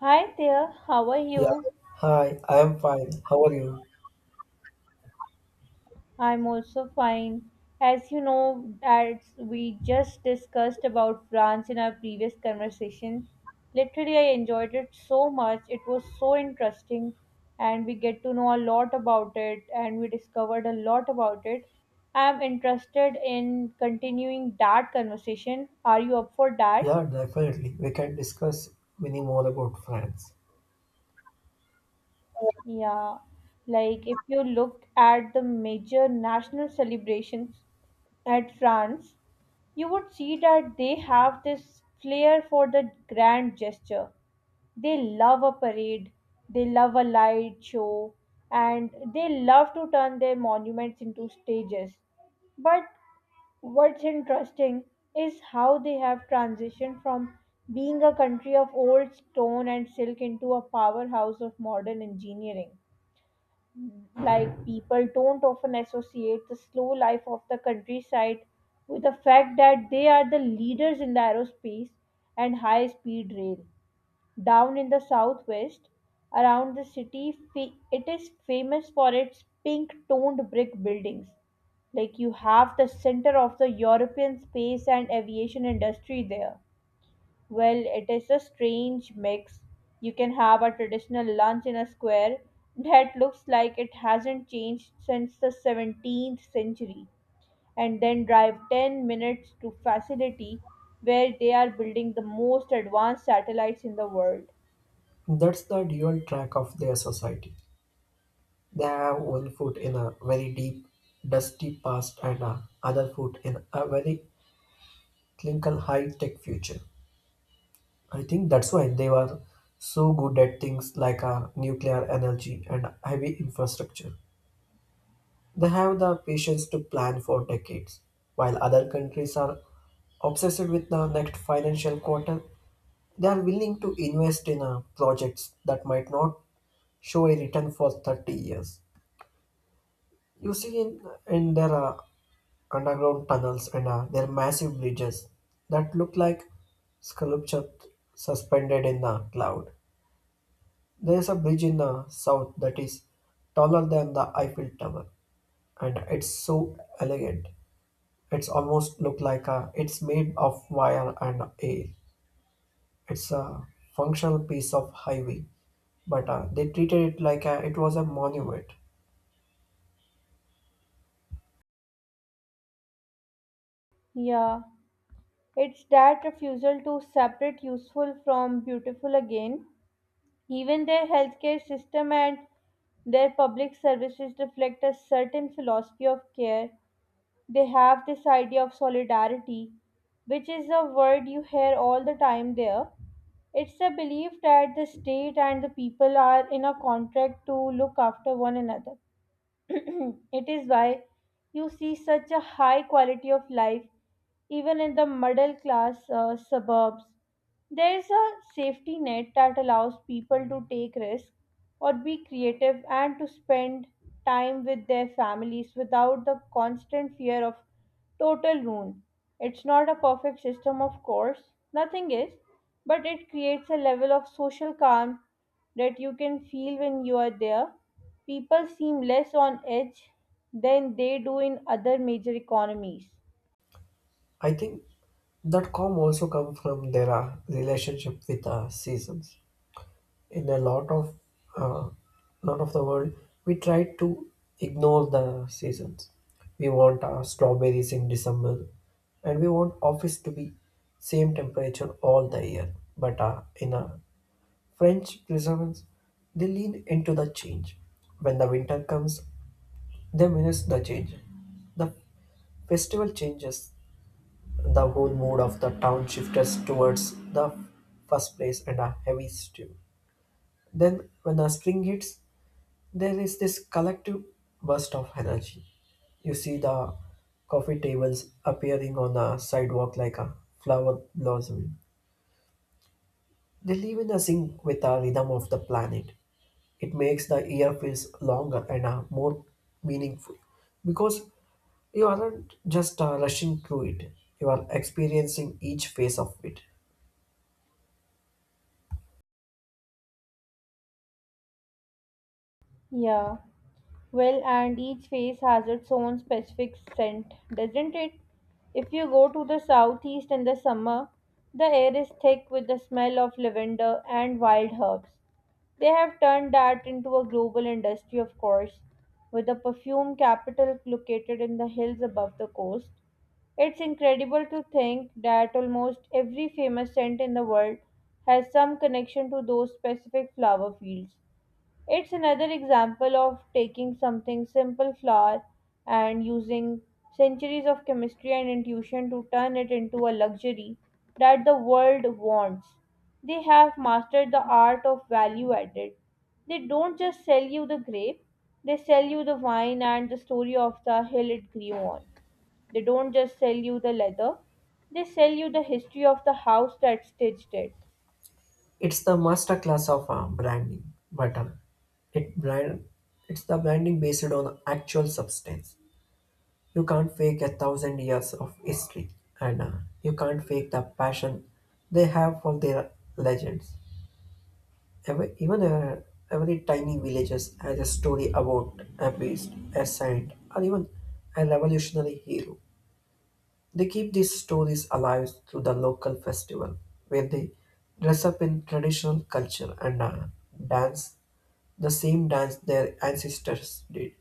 Hi there, how are Yeah, you? hi, I am fine. How are you? I'm also fine. As you know, as we just discussed about France in our previous conversation, literally I enjoyed it so much. It was so interesting, and we get to know a lot about it, and we discovered a lot about it. I'm interested in continuing that conversation. Are you up for that? Yeah, definitely. We can discuss many more about France. Yeah, like if you look at the major national celebrations at France, you would see that they have this flair for the grand gesture. They love a parade, they love a light show, and they love to turn their monuments into stages. But what's interesting is how they have transitioned from being a country of old stone and silk into a powerhouse of modern engineering like people don't often associate the slow life of the countryside with the fact that they are the leaders in the aerospace and high speed rail. Down in the southwest, around the city, it is famous for its pink toned brick buildings. Like you have the center of the European space and aviation industry there. Well, it is a strange mix. You can have a traditional lunch in a square that looks like it hasn't changed since the 17th century, and then drive 10 minutes to facility where they are building the most advanced satellites in the world. That's the dual track of their society. They have one foot in a very deep, dusty past and a other foot in a very clinical high-tech future. I think that's why they were so good at things like nuclear energy and heavy infrastructure. They have the patience to plan for decades. While other countries are obsessed with the next financial quarter, they are willing to invest in projects that might not show a return for 30 years. You see in their underground tunnels and their massive bridges that look like sculpture suspended in the cloud. There is a bridge in the south that is taller than the Eiffel Tower and it's so elegant. It's almost look like a, it's made of wire and air. It's a functional piece of highway, but they treated it like a, it was a monument. Yeah, it's that refusal to separate useful from beautiful again. Even their healthcare system and their public services reflect a certain philosophy of care. They have this idea of solidarity, which is a word you hear all the time there. It's a belief that the state and the people are in a contract to look after one another. It is why you see such a high quality of life even in the middle class suburbs. There is a safety net that allows people to take risks or be creative and to spend time with their families without the constant fear of total ruin. It's not a perfect system, of course, nothing is, but it creates a level of social calm that you can feel when you are there. People seem less on edge than they do in other major economies. I think that calm also come from their relationship with seasons. In a lot of uh, the world, we try to ignore the seasons. We want strawberries in December, and we want office to be same temperature all the year. But in a French prisoners, they lean into the change. When the winter comes, they miss the change. The festival changes. The whole mood of the town shifts towards the first place and a heavy stew. Then, when the spring hits, there is this collective burst of energy. You see the coffee tables appearing on the sidewalk like a flower blossoming. They live in a sync with the rhythm of the planet. It makes the year feels longer and more meaningful because you aren't just rushing through it, you are experiencing each phase of it. Yeah. Well, and each face has its own specific scent, doesn't it? If you go to the southeast in the summer, the air is thick with the smell of lavender and wild herbs. They have turned that into a global industry, of course, with a perfume capital located in the hills above the coast. It's incredible to think that almost every famous scent in the world has some connection to those specific flower fields. It's another example of taking something simple flour and using centuries of chemistry and intuition to turn it into a luxury that the world wants. They have mastered the art of value added. They don't just sell you the grape, they sell you the wine and the story of the hill it grew on. They don't just sell you the leather, they sell you the history of the house that stitched it. It's the masterclass of branding, but it brand, it's the branding based on actual substance. You can't fake a thousand years of history, and you can't fake the passion they have for their legends. Every, even a, every tiny villages has a story about a priest, a saint, or even a revolutionary hero. They keep these stories alive through the local festival, where they dress up in traditional culture and dance the same dance their ancestors did.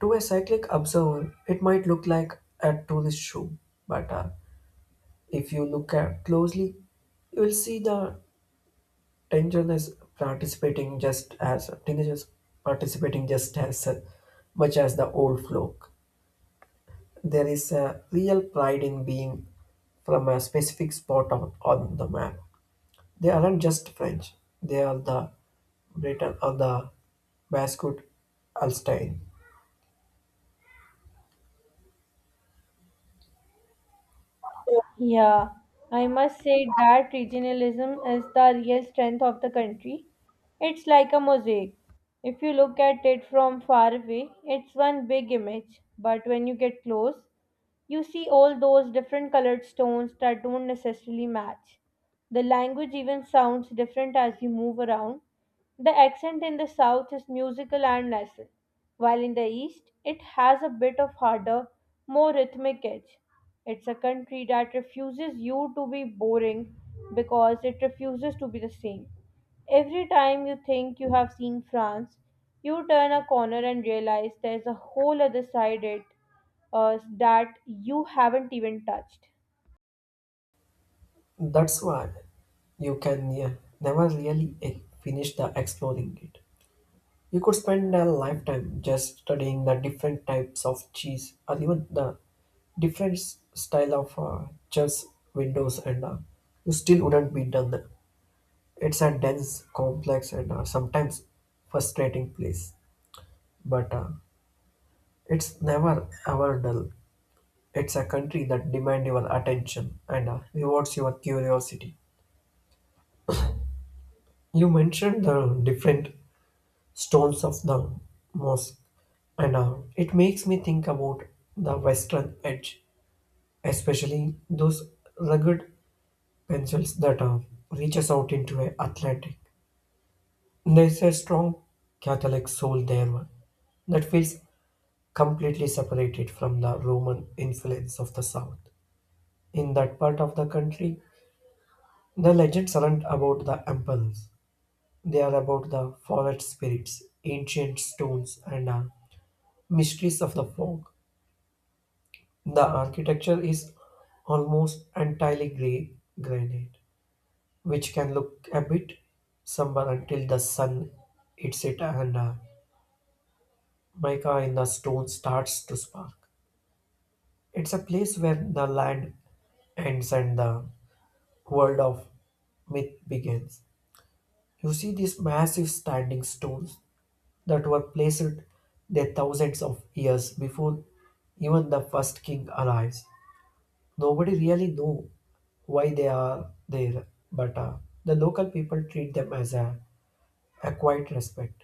To a cyclic observer, it might look like a tourist show, but if you look at closely, you will see the teenagers teenagers participating just as much as the old folk. There is a real pride in being from a specific spot on the map. They aren't just French; they are the Breton or the Basque Alstein. Yeah, I must say that regionalism is the real strength of the country. It's like a mosaic. If you look at it from far away, it's one big image, but when you get close, you see all those different colored stones that don't necessarily match. The language even sounds different as you move around. The accent in the south is musical and nasal, while in the east it has a bit of harder, more rhythmic edge. It's a country that refuses you to be boring because it refuses to be the same. Every time you think you have seen France, you turn a corner and realize there's a whole other side it that you haven't even touched. That's why you can, yeah, never really finish the exploring it. You could spend a lifetime just studying the different types of cheese or even the style of chess windows and you still wouldn't be done. It's a dense, complex and sometimes frustrating place. But it's never ever dull. It's a country that demands your attention and rewards your curiosity. You mentioned the different stones of the mosque, and it makes me think about the western edge, especially those rugged pencils that reaches out into the Atlantic. There's a strong Catholic soul there that feels completely separated from the Roman influence of the South. In that part of the country, the legends aren't about the emperors. They are about the forest spirits, ancient stones, and mysteries of the fog. The architecture is almost entirely grey granite, which can look a bit somber until the sun hits it and mica in the stone starts to spark. It's a place where the land ends and the world of myth begins. You see these massive standing stones that were placed there thousands of years before even the first king arrives. Nobody really know why they are there, but the local people treat them as a quiet respect,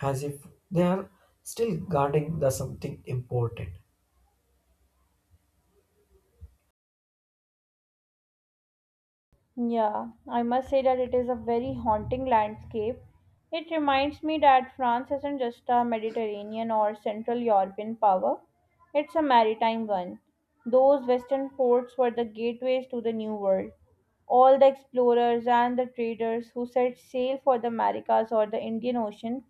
as if they are still guarding the something important. Yeah, I must say that it is a very haunting landscape. It reminds me that France isn't just a Mediterranean or Central European power, it's a maritime one. Those western ports were the gateways to the New World. All the explorers and the traders who set sail for the Americas or the Indian Ocean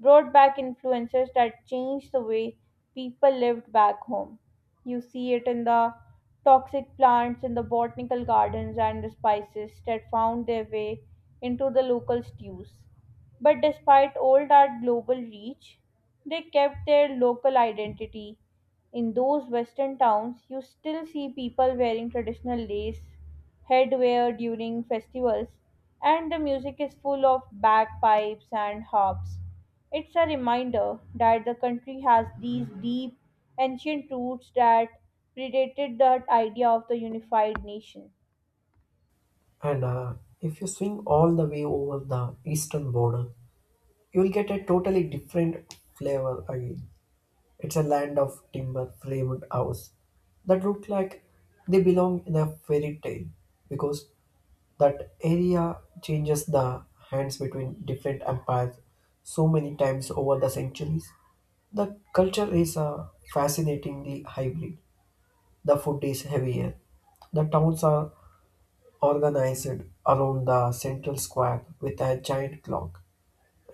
brought back influences that changed the way people lived back home. You see it in the toxic plants in the botanical gardens and the spices that found their way into the local stews. But despite all that global reach, they kept their local identity. In those western towns, you still see people wearing traditional lace headwear during festivals, and the music is full of bagpipes and harps. It's a reminder that the country has these deep, ancient roots that predated that idea of the unified nation. And if you swing all the way over the eastern border, you will get a totally different flavor again. It's a land of timber framed house that look like they belong in a fairy tale because that area changes the hands between different empires so many times over the centuries. The culture is fascinatingly hybrid. The food is heavier. The towns are organized around the central square with a giant clock,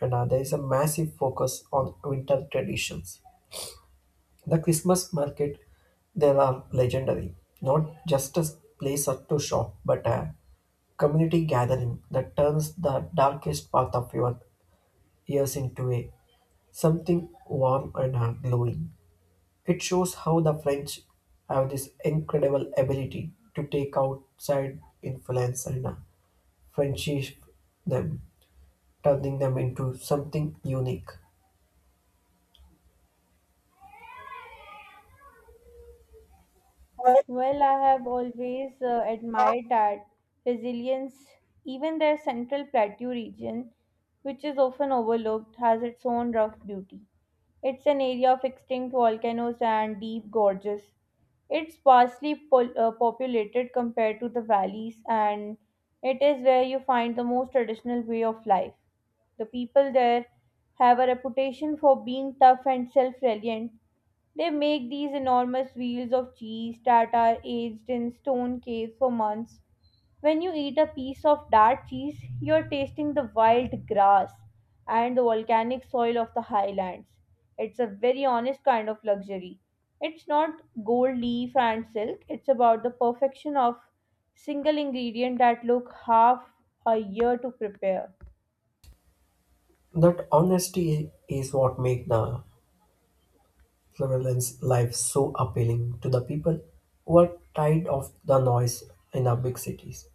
and there is a massive focus on winter traditions. The Christmas market there are legendary, not just a place to shop, but a community gathering that turns the darkest part of your years into a something warm and glowing. It shows how the French have this incredible ability to take outside influence and friendship them, turning them into something unique. Well, I have always admired that resilience, even their central plateau region, which is often overlooked, has its own rough beauty. It's an area of extinct volcanoes and deep gorges. It's sparsely populated compared to the valleys, and it is where you find the most traditional way of life. The people there have a reputation for being tough and self reliant, they make these enormous wheels of cheese that are aged in stone caves for months. When you eat a piece of that cheese, you're tasting the wild grass and the volcanic soil of the highlands. It's a very honest kind of luxury. It's not gold leaf and silk, it's about the perfection of single ingredient that took half a year to prepare. That honesty is what makes the Floraline's life so appealing to the people who are tired of the noise in our big cities.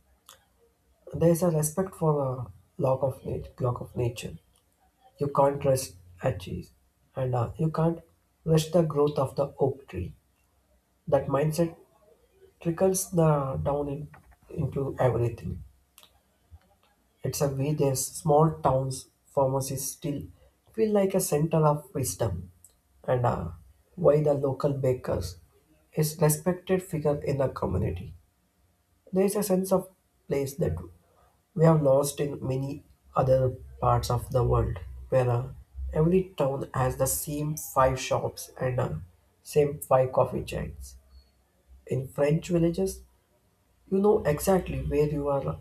There is a respect for a law of clock of nature. You can't rest at cheese, and you can't rush the growth of the oak tree. That mindset trickles the into everything. It's a way their small town's pharmacies still feel like a center of wisdom, and why the local bakers is respected figure in the community. There is a sense of place that we have lost in many other parts of the world, where every town has the same five shops and same five coffee chains. In French villages, you know exactly where you are.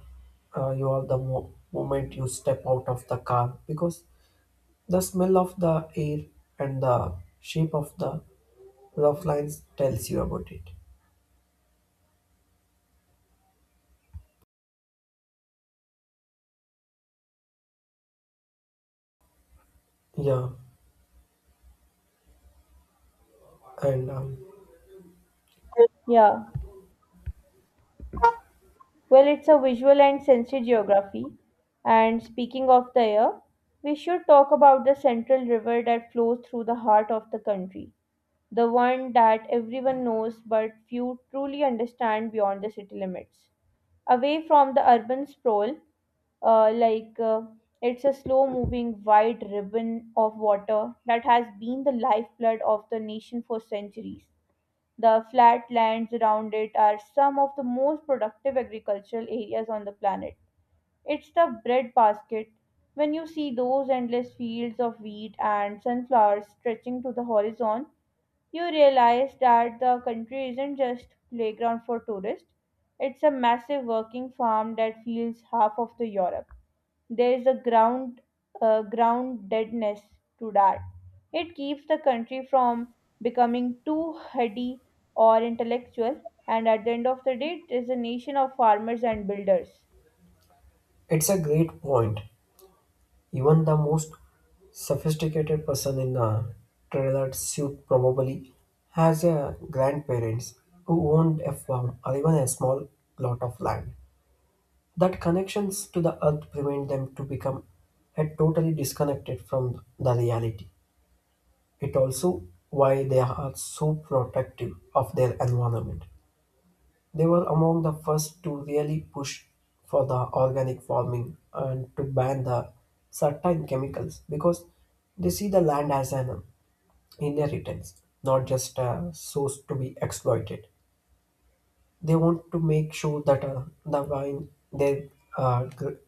You are the moment you step out of the car because the smell of the air and the shape of the rough lines tells you about it. Yeah, and Yeah. Well, it's a visual and sensory geography. And speaking of the air, we should talk about the central river that flows through the heart of the country, the one that everyone knows but few truly understand beyond the city limits. Away from the urban sprawl, uh, like uh, it's a slow moving wide ribbon of water that has been the lifeblood of the nation for centuries. The flat lands around it are some of the most productive agricultural areas on the planet. It's the breadbasket. When you see those endless fields of wheat and sunflowers stretching to the horizon, you realize that the country isn't just playground for tourists. It's a massive working farm that feels half of the Europe. There is a ground deadness to that. It keeps the country from becoming too heady or intellectual, and at the end of the day, it is a nation of farmers and builders. it's a great point. Even the most sophisticated person in a tailored suit probably has a grandparents who owned a farm or even a small plot of land. That connections to the earth prevent them to become a totally disconnected from the reality. It also why they are so protective of their environment. They were among the first to really push for the organic farming and to ban the certain chemicals because they see the land as an inheritance, not just a source to be exploited. They want to make sure that the vine they gr-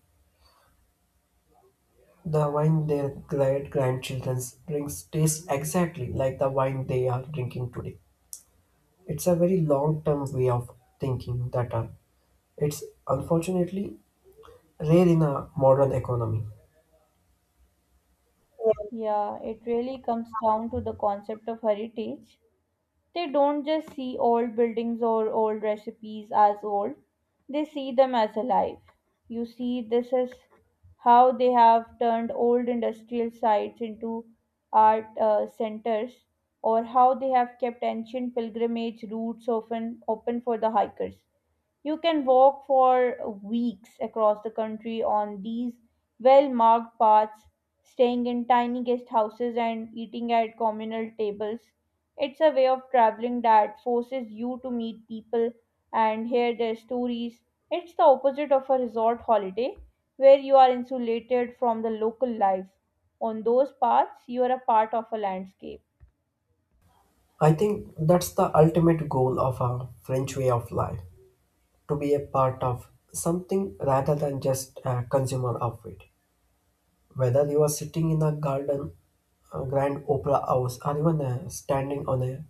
the wine their great grandchildren drinks tastes exactly like the wine they are drinking today. It's a very long term way of thinking that it's unfortunately rare in a modern economy. Yeah, it really comes down to the concept of heritage. They don't just see old buildings or old recipes as old, they see them as alive. You see, this is how they have turned old industrial sites into art centers, or how they have kept ancient pilgrimage routes often open for the hikers. You can walk for weeks across the country on these well marked paths, staying in tiny guest houses and eating at communal tables. It's a way of traveling that forces you to meet people and hear their stories. It's the opposite of a resort holiday where you are insulated from the local life. On those paths, you are a part of a landscape. I think that's the ultimate goal of a French way of life to be a part of something rather than just a consumer of it. Whether you are sitting in a garden, a grand opera house, or even standing on a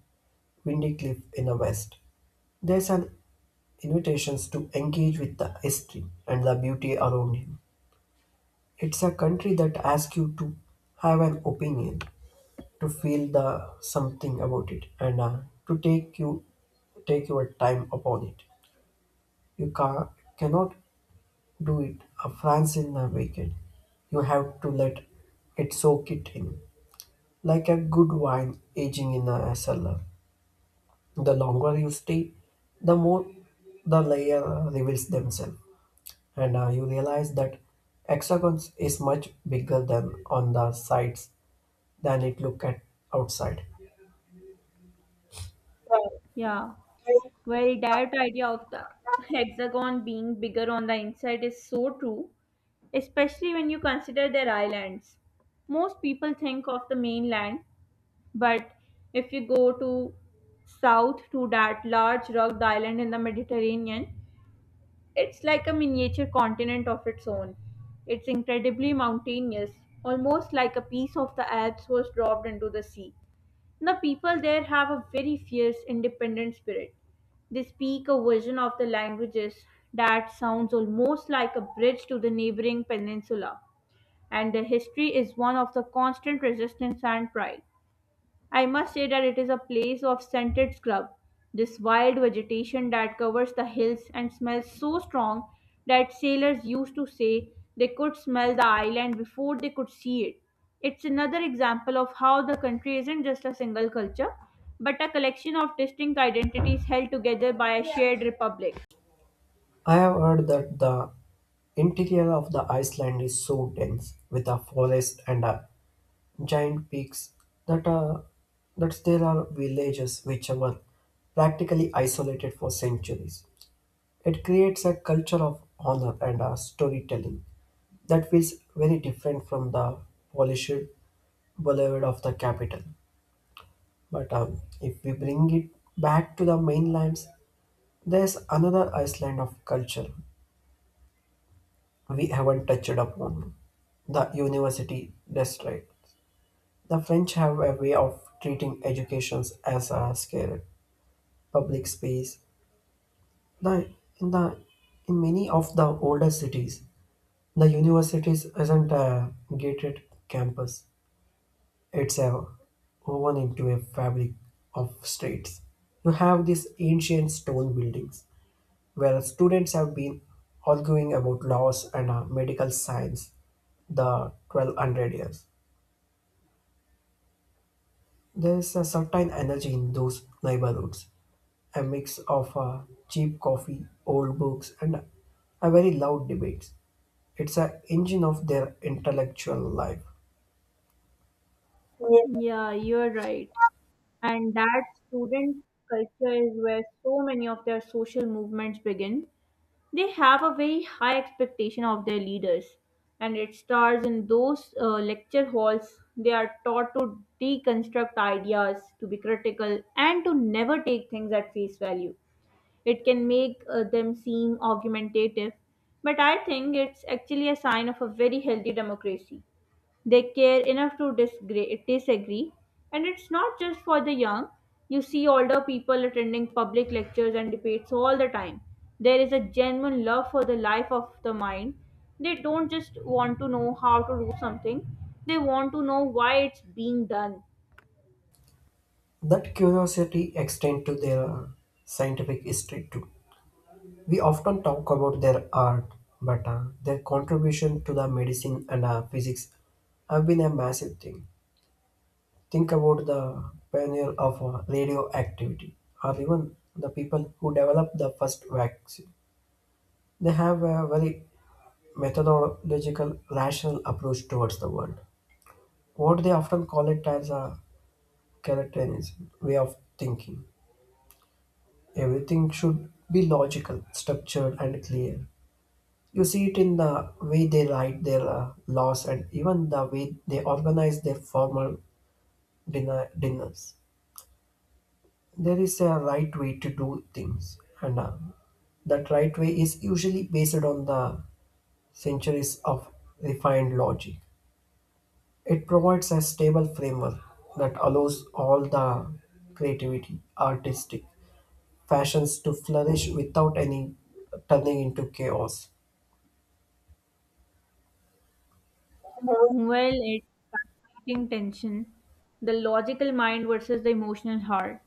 windy cliff in the west, there's an invitations to engage with the history and the beauty around him. It's a country that asks you to have an opinion, to feel the something about it, and to take you take your time upon it. You cannot do it a France in a weekend. You have to let it soak it in, like a good wine aging in a cellar. The longer you stay, the more the layer reveals themselves. And you realize that hexagons is much bigger than on the sides than it look at outside. Yeah. Well, that idea of the hexagon being bigger on the inside is so true, especially when you consider their islands. Most people think of the mainland, but if you go to south to that large rugged island in the Mediterranean, it's like a miniature continent of its own. It's incredibly mountainous, almost like a piece of the Alps was dropped into the sea. The people there have a very fierce, independent spirit. They speak a version of the languages that sounds almost like a bridge to the neighboring peninsula, and their history is one of the constant resistance and pride. I must say that it is a place of scented scrub, this wild vegetation that covers the hills and smells so strong that sailors used to say they could smell the island before they could see it. It's another example of how the country isn't just a single culture, but a collection of distinct identities held together by a shared republic. I have heard that the interior of the Iceland is so dense with a forest and a giant peaks that uh, that there are villages which were practically isolated for centuries. It creates a culture of honor and a storytelling that feels very different from the polished boulevard of the capital. But if we bring it back to the mainlands, there's another Iceland of culture we haven't touched upon the university district. The French have a way of treating education as a sacred public space. The, in, the, in many of the older cities, the universities isn't a gated campus, it's a woven into a fabric of streets. You have these ancient stone buildings where students have been arguing about laws and medical science the 1200 years. There is a certain energy in those neighborhoods, a mix of cheap coffee, old books, and a very loud debates. It's an engine of their intellectual life. Yeah. Yeah, you're right. And that student culture is where so many of their social movements begin. They have a very high expectation of their leaders, and it starts in those lecture halls. They are taught to deconstruct ideas, to be critical, and to never take things at face value. It can make them seem argumentative, but I think it's actually a sign of a very healthy democracy. They care enough to disagree, disagree. And it's not just for the young. You see older people attending public lectures and debates all the time. There is a genuine love for the life of the mind. They don't just want to know how to do something, they want to know why it's being done. That curiosity extends to their scientific history too. We often talk about their art, but their contribution to the medicine and physics have been a massive thing. Think about the pioneer of radioactivity, or even the people who developed the first vaccine. They have a very methodological, rational approach towards the world. What they often call it as a characterism way of thinking. Everything should be logical, structured, and clear. You see it in the way they write their laws and even the way they organize their formal dinners. There is a right way to do things, and that right way is usually based on the centuries of refined logic. It provides a stable framework that allows all the creativity, artistic fashions to flourish without any turning into chaos. While it's fascinating tension, the logical mind versus the emotional heart.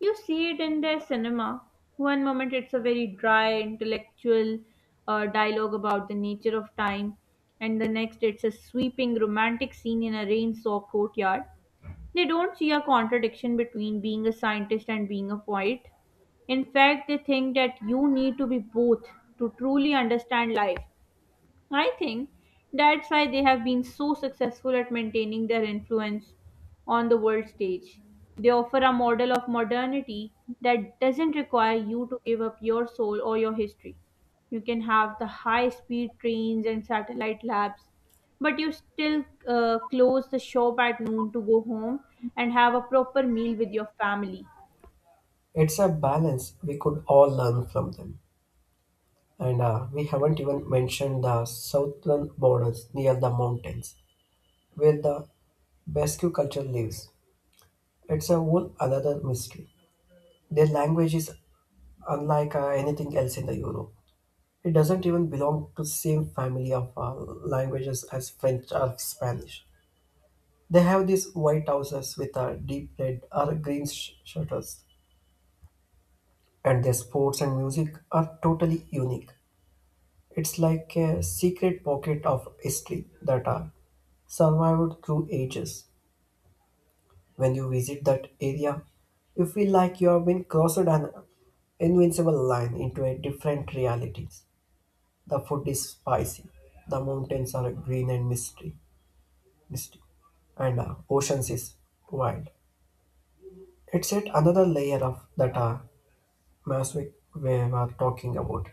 You see it in their cinema. One moment it's a very dry, intellectual dialogue about the nature of time, and the next it's a sweeping romantic scene in a rain soaked courtyard. They don't see a contradiction between being a scientist and being a poet. In fact, they think that you need to be both to truly understand life. I think that's why they have been so successful at maintaining their influence on the world stage. They offer a model of modernity that doesn't require you to give up your soul or your history. You can have the high speed trains and satellite labs, but you still close the shop at noon to go home and have a proper meal with your family. It's a balance we could all learn from them. And we haven't even mentioned the southern borders near the mountains, where the Basque culture lives. It's a whole another mystery. Their language is unlike anything else in the Europe. It doesn't even belong to the same family of languages as French or Spanish. They have these white houses with deep red or green shutters, and their sports and music are totally unique. It's like a secret pocket of history that survived through ages. When you visit that area, you feel like you have been crossed an invincible line into a different reality. The food is spicy, the mountains are green and mystic, and oceans is wild. It's yet another layer of that magic we were talking about.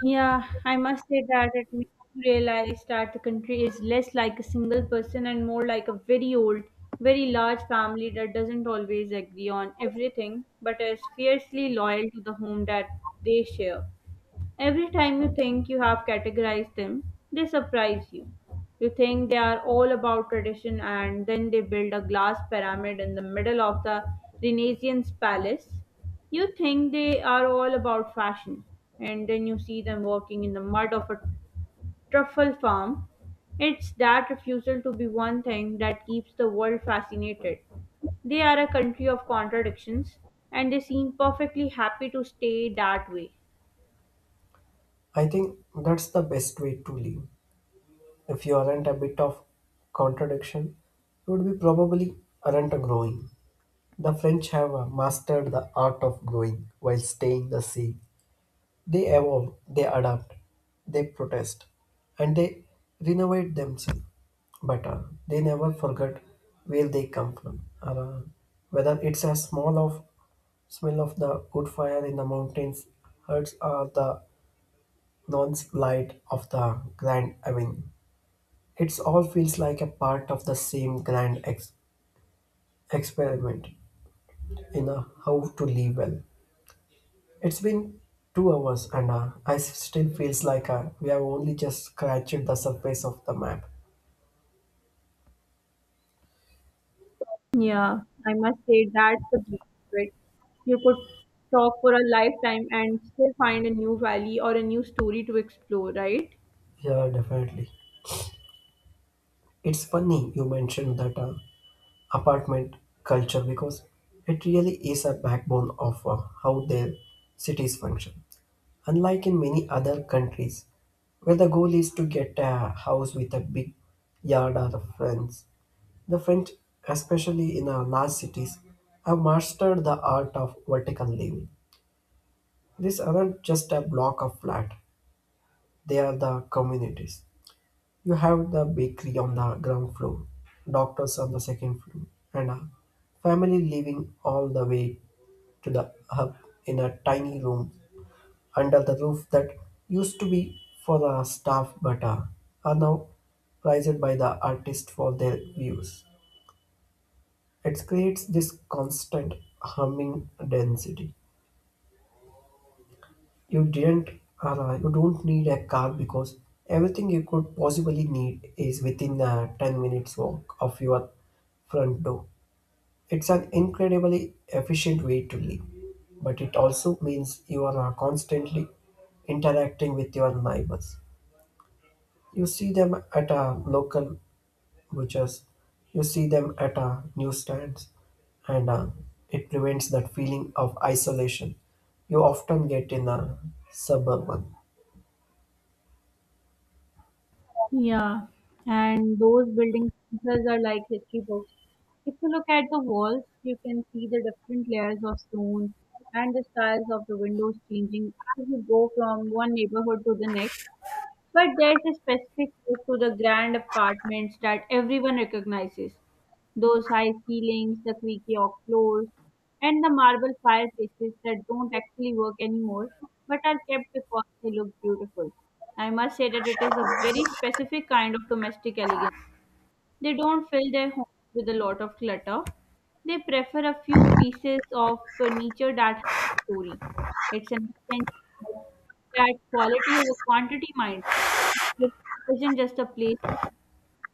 Yeah, I must say that it makes you realize that the country is less like a single person and more like a very old, very large family that doesn't always agree on everything, but is fiercely loyal to the home that they share. Every time you think you have categorized them, they surprise you. You think they are all about tradition, and then they build a glass pyramid in the middle of the Renaissance palace. You think they are all about fashion, and then you see them working in the mud of a truffle farm. It's that refusal to be one thing that keeps the world fascinated. They are a country of contradictions, and they seem perfectly happy to stay that way. I think that's the best way to live. If you aren't a bit of contradiction, you would be probably aren't growing. The French have mastered the art of growing while staying the same. They evolve, they adapt, they protest, and they renovate themselves. But they never forget where they come from. Or, whether it's a small of smell of the wood fire in the mountains, hurts or the nonce light of the grand avenue. It all feels like a part of the same grand experiment in a how to live well. It's been 2 hours, and I still feels like we have only just scratched the surface of the map. Yeah, I must say that's the beauty of it. You could talk for a lifetime and still find a new valley or a new story to explore, right? Yeah, definitely. It's funny you mentioned that apartment culture because it really is a backbone of how their cities function. Unlike in many other countries, where the goal is to get a house with a big yard or friends, the French, especially in our large cities, have mastered the art of vertical living. These aren't just a block of flat, they are the communities. You have the bakery on the ground floor, doctors on the second floor, and a family living all the way to the hub in a tiny room under the roof that used to be for the staff but are now prized by the artist for their views. It creates this constant humming density. You didn't arrive. You don't need a car because everything you could possibly need is within a 10 minutes walk of your front door. It's an incredibly efficient way to live, but it also means you are constantly interacting with your neighbors. You see them at a local butchers, you see them at a newsstands, and it prevents that feeling of isolation you often get in a suburban. Yeah, and those buildings themselves are like history books. If you look at the walls, you can see the different layers of stone and the styles of the windows changing as you go from one neighborhood to the next. But there's a specific look to the grand apartments that everyone recognizes. Those high ceilings, the creaky oak floors, and the marble fireplaces that don't actually work anymore but are kept because they look beautiful. I must say that it is a very specific kind of domestic elegance. They don't fill their homes with a lot of clutter. They prefer a few pieces of furniture that have a story. It's an extension of that quality over quantity mindset. It isn't just a place you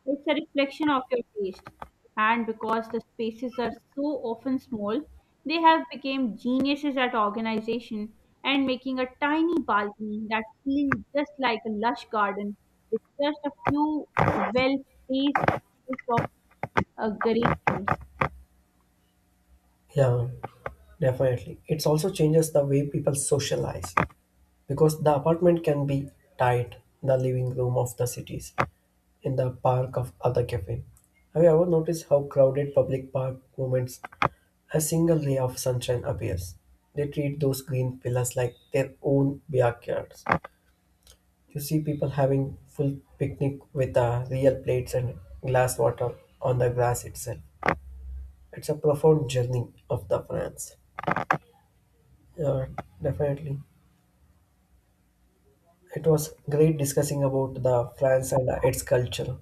it's a reflection of your taste. And because the spaces are so often small, they have become geniuses at organization and making a tiny balcony that feels just like a lush garden with just a few well placed of geraniums. Yeah, definitely. It also changes the way people socialize because the apartment can be tight, the living room of the cities, in the park of other cafe. Have you ever noticed how crowded public park moments a single ray of sunshine appears? They treat those green pillars like their own backyards. You see people having full picnic with real plates and glass water on the grass itself. It's a profound journey of the France. Yeah, definitely. It was great discussing about the France and its culture.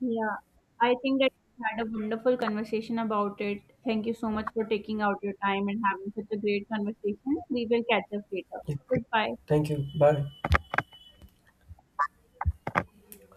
Yeah, I think that we had a wonderful conversation about it. Thank you so much for taking out your time and having such a great conversation. We will catch up later. Yeah. Goodbye. Thank you. Bye.